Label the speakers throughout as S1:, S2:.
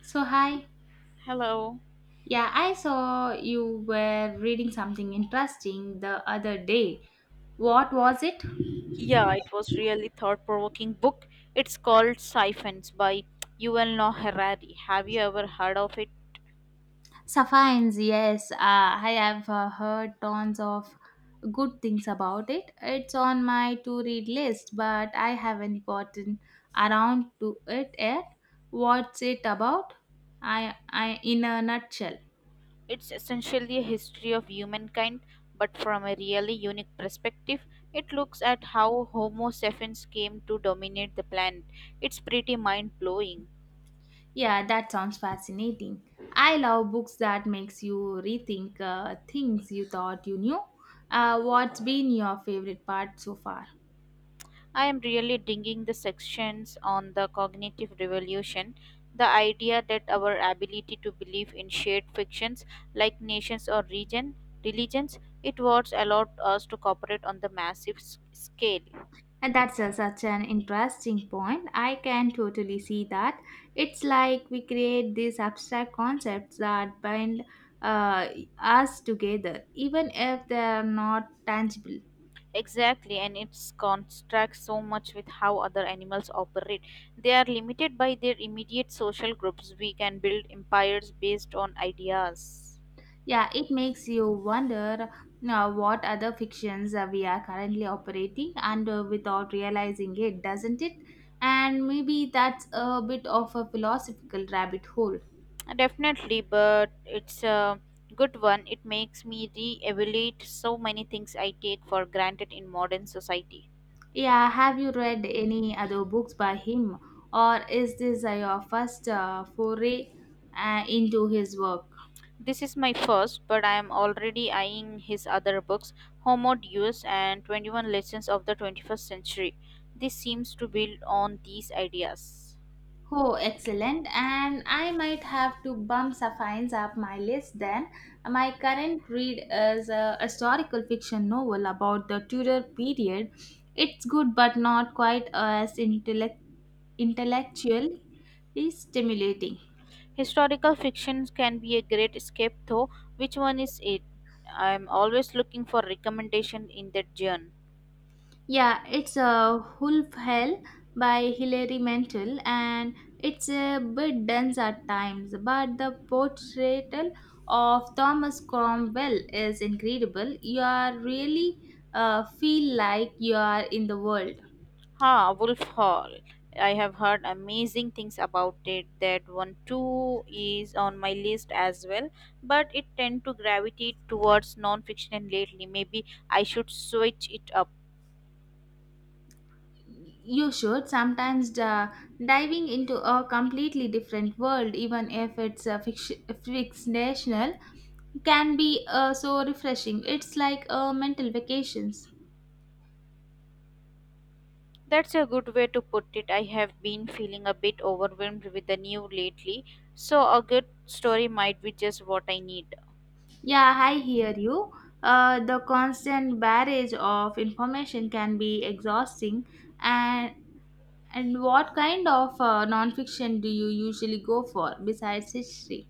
S1: So, hi.
S2: Hello.
S1: Yeah, I saw you were reading something interesting the other day. What was it?
S2: Yeah, it was really thought-provoking book. It's called Siphons by Yuval Noah Harari. Have you ever heard of it?
S1: Sapphires, yes. I have heard tons of good things about it. It's on my to read list, but I haven't gotten around to it yet. What's it about? I in a nutshell.
S2: It's essentially a history of humankind, but from a really unique perspective. It looks at how Homo sapiens came to dominate the planet. It's pretty mind-blowing.
S1: Yeah, that sounds fascinating. I love books that makes you rethink things you thought you knew. What's been your favorite part so far?
S2: I am really digging the sections on the cognitive revolution, the idea that our ability to believe in shared fictions like nations or region, religions, it was allowed us to cooperate on the massive scale.
S1: And that's such an interesting point. I can totally see that. It's like we create these abstract concepts that bind uh, us together, even if they're not tangible.
S2: Exactly, and it's contrasts so much with how other animals operate. They are limited by their immediate social groups. We can build empires based on ideas.
S1: Yeah, it makes you wonder what other fictions we are currently operating under without realizing it, doesn't it? And maybe that's a bit of a philosophical rabbit hole.
S2: Definitely, but it's a good one. It makes me re evaluate so many things I take for granted in modern society.
S1: Yeah, have you read any other books by him, or is this your first foray into his work?
S2: This is my first, but I am already eyeing his other books, Homo Deus and 21 Lessons of the 21st Century. This seems to build on these ideas.
S1: Oh, excellent. And I might have to bump Safine's up my list then. My current read is a historical fiction novel about the Tudor period. It's good, but not quite as intellectually stimulating.
S2: Historical fiction can be a great escape, though. Which one is it? I am always looking for recommendation in that genre.
S1: Yeah, it's a Wolf Hell by Hilary Mantel, and it's a bit dense at times, but the portrayal of Thomas Cromwell is incredible. You are really feel like you are in the world.
S2: Huh, Wolf Hall. I have heard amazing things about it. That one too is on my list as well, but it tend to gravitate towards non-fiction lately. Maybe I should switch it up.
S1: You should sometimes diving into a completely different world, even if it's a fictional, can be so refreshing. It's like a mental vacations.
S2: That's a good way to put it. I have been feeling a bit overwhelmed with the new lately, so a good story might be just what I need.
S1: Yeah, I hear you. The constant barrage of information can be exhausting. And and what kind of nonfiction do you usually go for besides history?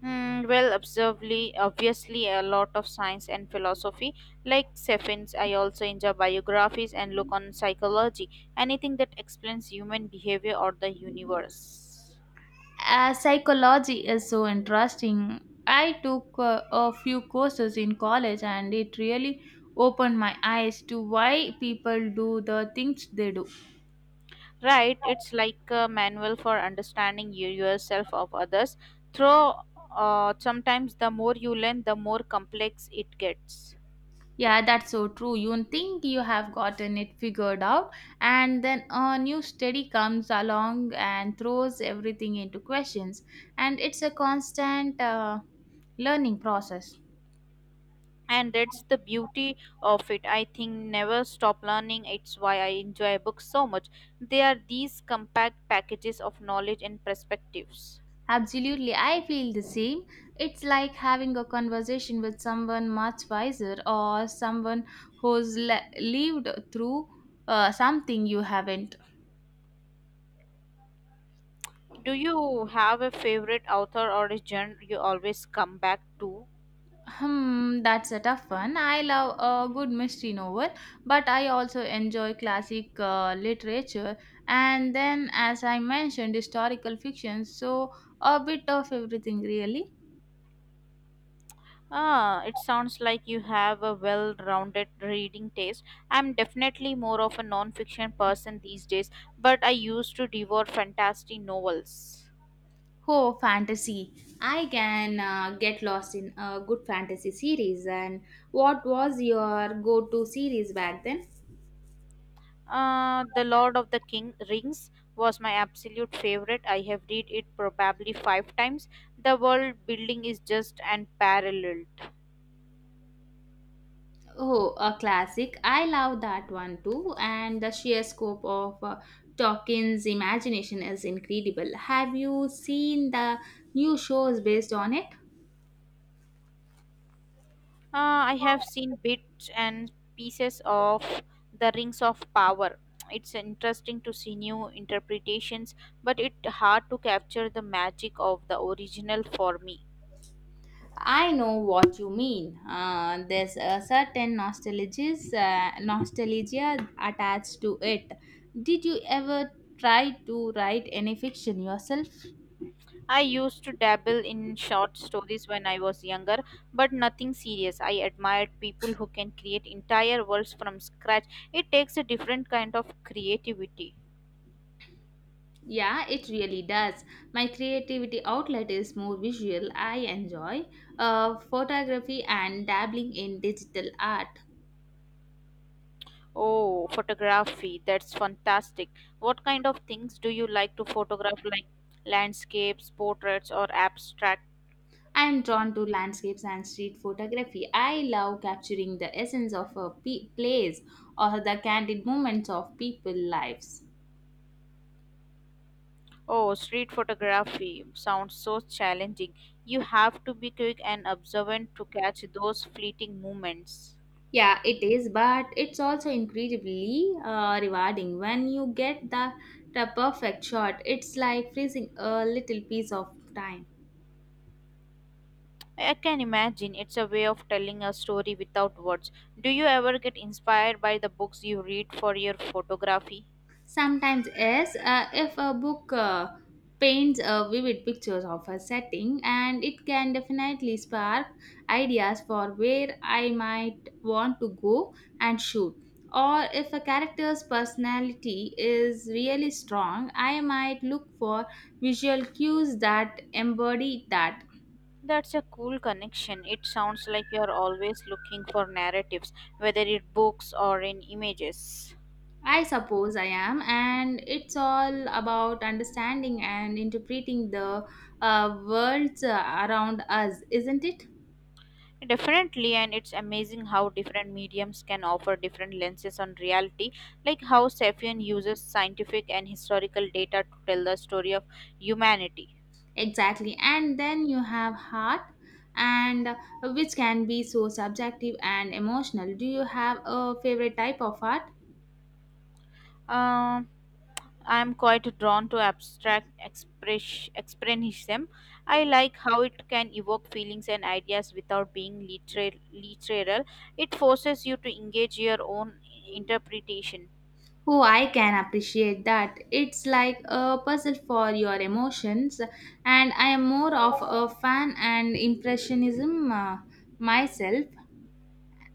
S2: Hmm, well, observably, obviously, a lot of science and philosophy. Like Seffins, I also enjoy biographies and look on psychology, anything that explains human behavior or the universe.
S1: Psychology is so interesting. I took a few courses in college, and it really opened my eyes to why people do the things they do.
S2: Right, it's like a manual for understanding you yourself of others. Through sometimes the more you learn, the more complex it gets.
S1: Yeah, that's so true. You think you have gotten it figured out, and then a new study comes along and throws everything into questions. And it's a constant learning process.
S2: And that's the beauty of it, I think. Never stop learning. It's why I enjoy books so much. They are these compact packages of knowledge and perspectives.
S1: Absolutely, I feel the same. It's like having a conversation with someone much wiser or someone who's lived through something you haven't.
S2: Do you have a favorite author or a genre you always come back to?
S1: Hmm, that's a tough one. I love a good mystery novel, but I also enjoy classic literature and then, as I mentioned, historical fiction. So, a bit of everything, really.
S2: Ah, it sounds like you have a well-rounded reading taste. I'm definitely more of a non-fiction person these days, but I used to devour fantasy novels.
S1: Oh, fantasy. I can get lost in a good fantasy series. And what was your go to series back then?
S2: The Lord of the King Rings was my absolute favorite. I have read it probably five times. The world building is just unparalleled.
S1: Oh, a classic. I love that one too. And the sheer scope of Tolkien's imagination is incredible. Have you seen the new shows based on it?
S2: I have seen bits and pieces of the Rings of Power. It's interesting to see new interpretations, but it's hard to capture the magic of the original for me.
S1: I know what you mean. There's a certain nostalgia attached to it. Did you ever try to write any fiction yourself?
S2: I used to dabble in short stories when I was younger, but nothing serious. I admired people who can create entire worlds from scratch. It takes a different kind of creativity.
S1: Yeah, it really does. My creativity outlet is more visual. I enjoy photography and dabbling in digital art.
S2: Oh, photography, that's fantastic. What kind of things do you like to photograph, like landscapes, portraits, or abstract?
S1: I am drawn to landscapes and street photography. I love capturing the essence of a place or the candid moments of people's lives.
S2: Oh, street photography sounds so challenging. You have to be quick and observant to catch those fleeting moments.
S1: Yeah, it is, but it's also incredibly rewarding when you get the perfect shot. It's like freezing a little piece of time.
S2: I can imagine it's a way of telling a story without words. Do you ever get inspired by the books you read for your photography?
S1: Sometimes, yes, if a book paints a vivid pictures of a setting, and it can definitely spark ideas for where I might want to go and shoot. Or if a character's personality is really strong, I might look for visual cues that embody that.
S2: That's a cool connection. It sounds like you're always looking for narratives, whether in books or in images.
S1: I suppose I am, and it's all about understanding and interpreting the worlds around us, isn't it?
S2: Definitely, and it's amazing how different mediums can offer different lenses on reality, like how Safian uses scientific and historical data to tell the story of humanity.
S1: Exactly. And then you have heart and which can be so subjective and emotional. Do you have a favorite type of art?
S2: Um, I am quite drawn to abstract express, expressionism. I like how it can evoke feelings and ideas without being literal, literal. It forces you to engage your own interpretation.
S1: Oh, I can appreciate that. It's like a puzzle for your emotions and I am more of a fan and impressionism myself.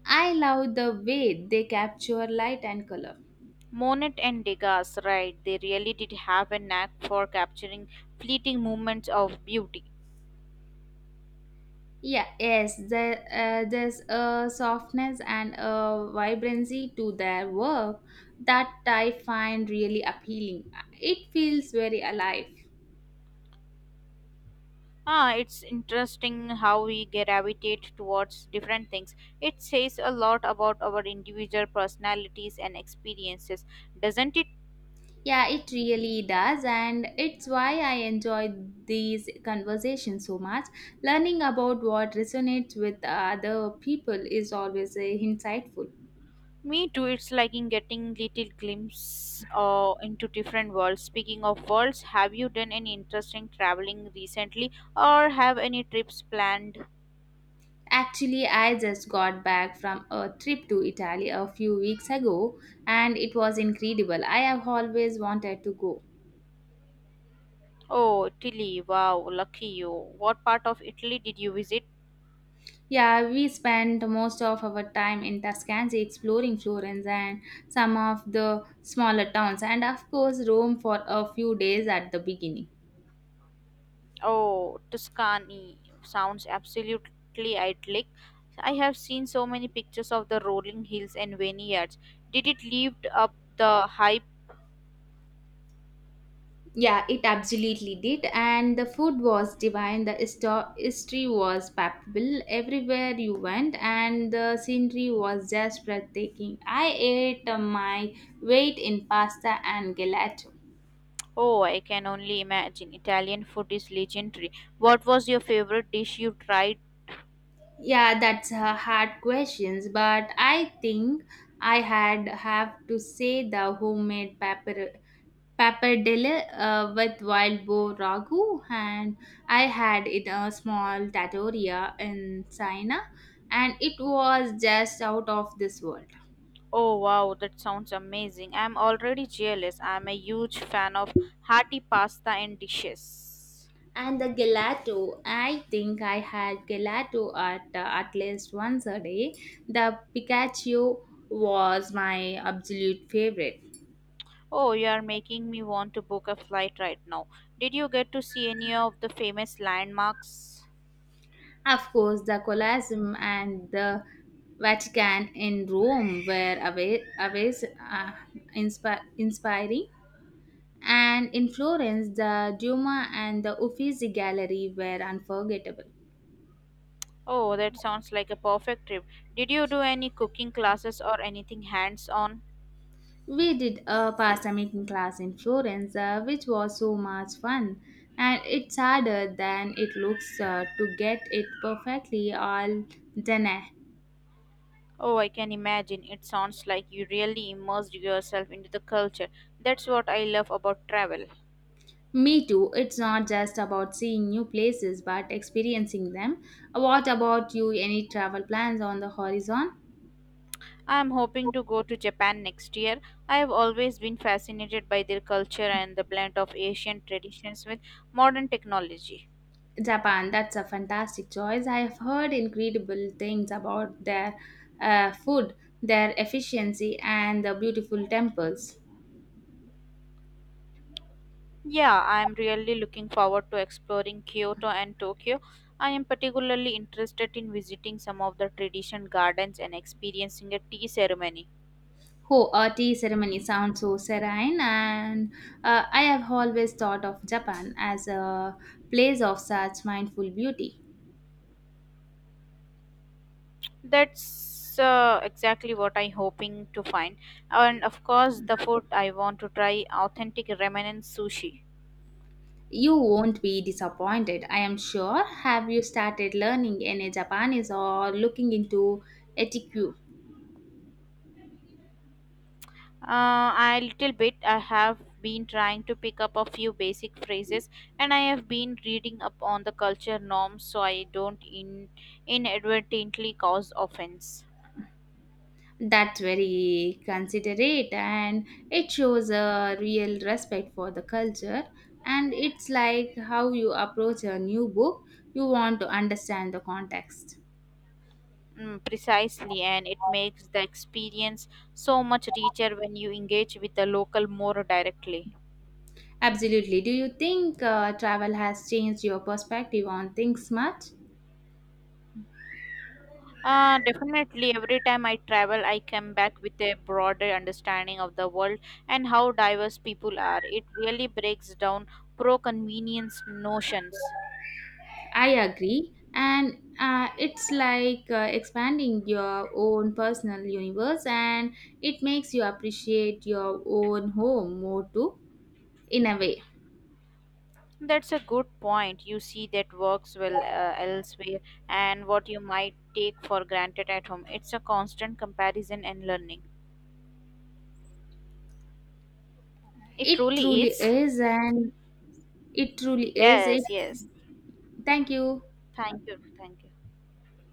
S1: I love the way they capture light and color.
S2: Monet and Degas, right, they really did have a knack for capturing fleeting moments of beauty.
S1: Yeah, yes, there's a softness and a vibrancy to their work that I find really appealing. It feels very alive.
S2: Ah, it's interesting how we gravitate towards different things. It says a lot about our individual personalities and experiences, doesn't it?
S1: Yeah, it really does, and it's why I enjoy these conversations so much. Learning about what resonates with other people is always insightful.
S2: Me too. It's like in getting little glimpse into different worlds. Speaking of worlds, have you done any interesting traveling recently, or have any trips planned?
S1: Actually, I just got back from a trip to Italy a few weeks ago, and it was incredible. I have always wanted to go.
S2: Oh, Italy! Wow, lucky you. What part of Italy did you visit?
S1: Yeah, we spent most of our time in Tuscany exploring Florence and some of the smaller towns, and of course, Rome for a few days at the beginning.
S2: Oh, Tuscany. Sounds absolutely idyllic. I have seen so many pictures of the rolling hills and vineyards. Did it lived up the hype?
S1: Yeah, it absolutely did, and the food was divine. The history was palpable everywhere you went, and the scenery was just breathtaking. I ate my weight in pasta and gelato.
S2: Oh, I can only imagine. Italian food is legendary. What was your favorite dish you tried?
S1: Yeah, that's a hard questions, but I think I had have to say the homemade paper pappardelle with wild boar ragu, and I had it a small trattoria in China, and it was just out of this world.
S2: Oh, wow, that sounds amazing. I'm already jealous. I'm a huge fan of hearty pasta and dishes.
S1: And the gelato, I think I had gelato at least once a day. The Pikachu was my absolute favorite.
S2: Oh, you are making me want to book a flight right now. Did you get to see any of the famous landmarks?
S1: Of course, the Colosseum and the Vatican in Rome were always inspiring. And in Florence, the Duomo and the Uffizi Gallery were unforgettable.
S2: Oh, that sounds like a perfect trip. Did you do any cooking classes or anything hands on?
S1: We did a pasta making class in Florence, which was so much fun. And it's harder than it looks to get it perfectly all done.
S2: Oh, I can imagine. It sounds like you really immersed yourself into the culture. That's what I love about travel.
S1: Me too. It's not just about seeing new places but experiencing them. What about you? Any travel plans on the horizon?
S2: I am hoping to go to Japan next year. I have always been fascinated by their culture and the blend of Asian traditions with modern technology.
S1: Japan, that's a fantastic choice. I've heard incredible things about their food, their efficiency, and the beautiful temples.
S2: Yeah, I am really looking forward to exploring Kyoto and Tokyo. I am particularly interested in visiting some of the tradition gardens and experiencing a tea ceremony.
S1: Oh, a tea ceremony sounds so serene, and I have always thought of Japan as a place of such mindful beauty.
S2: That's exactly what I'm hoping to find. And of course, the food I want to try authentic remnant sushi.
S1: You won't be disappointed, I am sure. Have you started learning any Japanese or looking into etiquette?
S2: A little bit, I have been trying to pick up a few basic phrases and I have been reading up on the culture norms so I don't inadvertently cause offense.
S1: That's very considerate and it shows a real respect for the culture. And it's like how you approach a new book, you want to understand the context.
S2: Mm, precisely, and it makes the experience so much richer when you engage with the local more directly.
S1: Absolutely. Do you think travel has changed your perspective on things much?
S2: Definitely, every time I travel, I come back with a broader understanding of the world and how diverse people are. It really breaks down pro convenience notions.
S1: I agree. And it's like expanding your own personal universe, and it makes you appreciate your own home more too, in a way.
S2: That's a good point. You see that works well elsewhere and what you might take for granted at home. It's a constant comparison and learning. It
S1: It
S2: truly
S1: truly
S2: is.
S1: is, and it truly is. It,
S2: Yes, yes.
S1: thank you.
S2: Thank you. Thank you.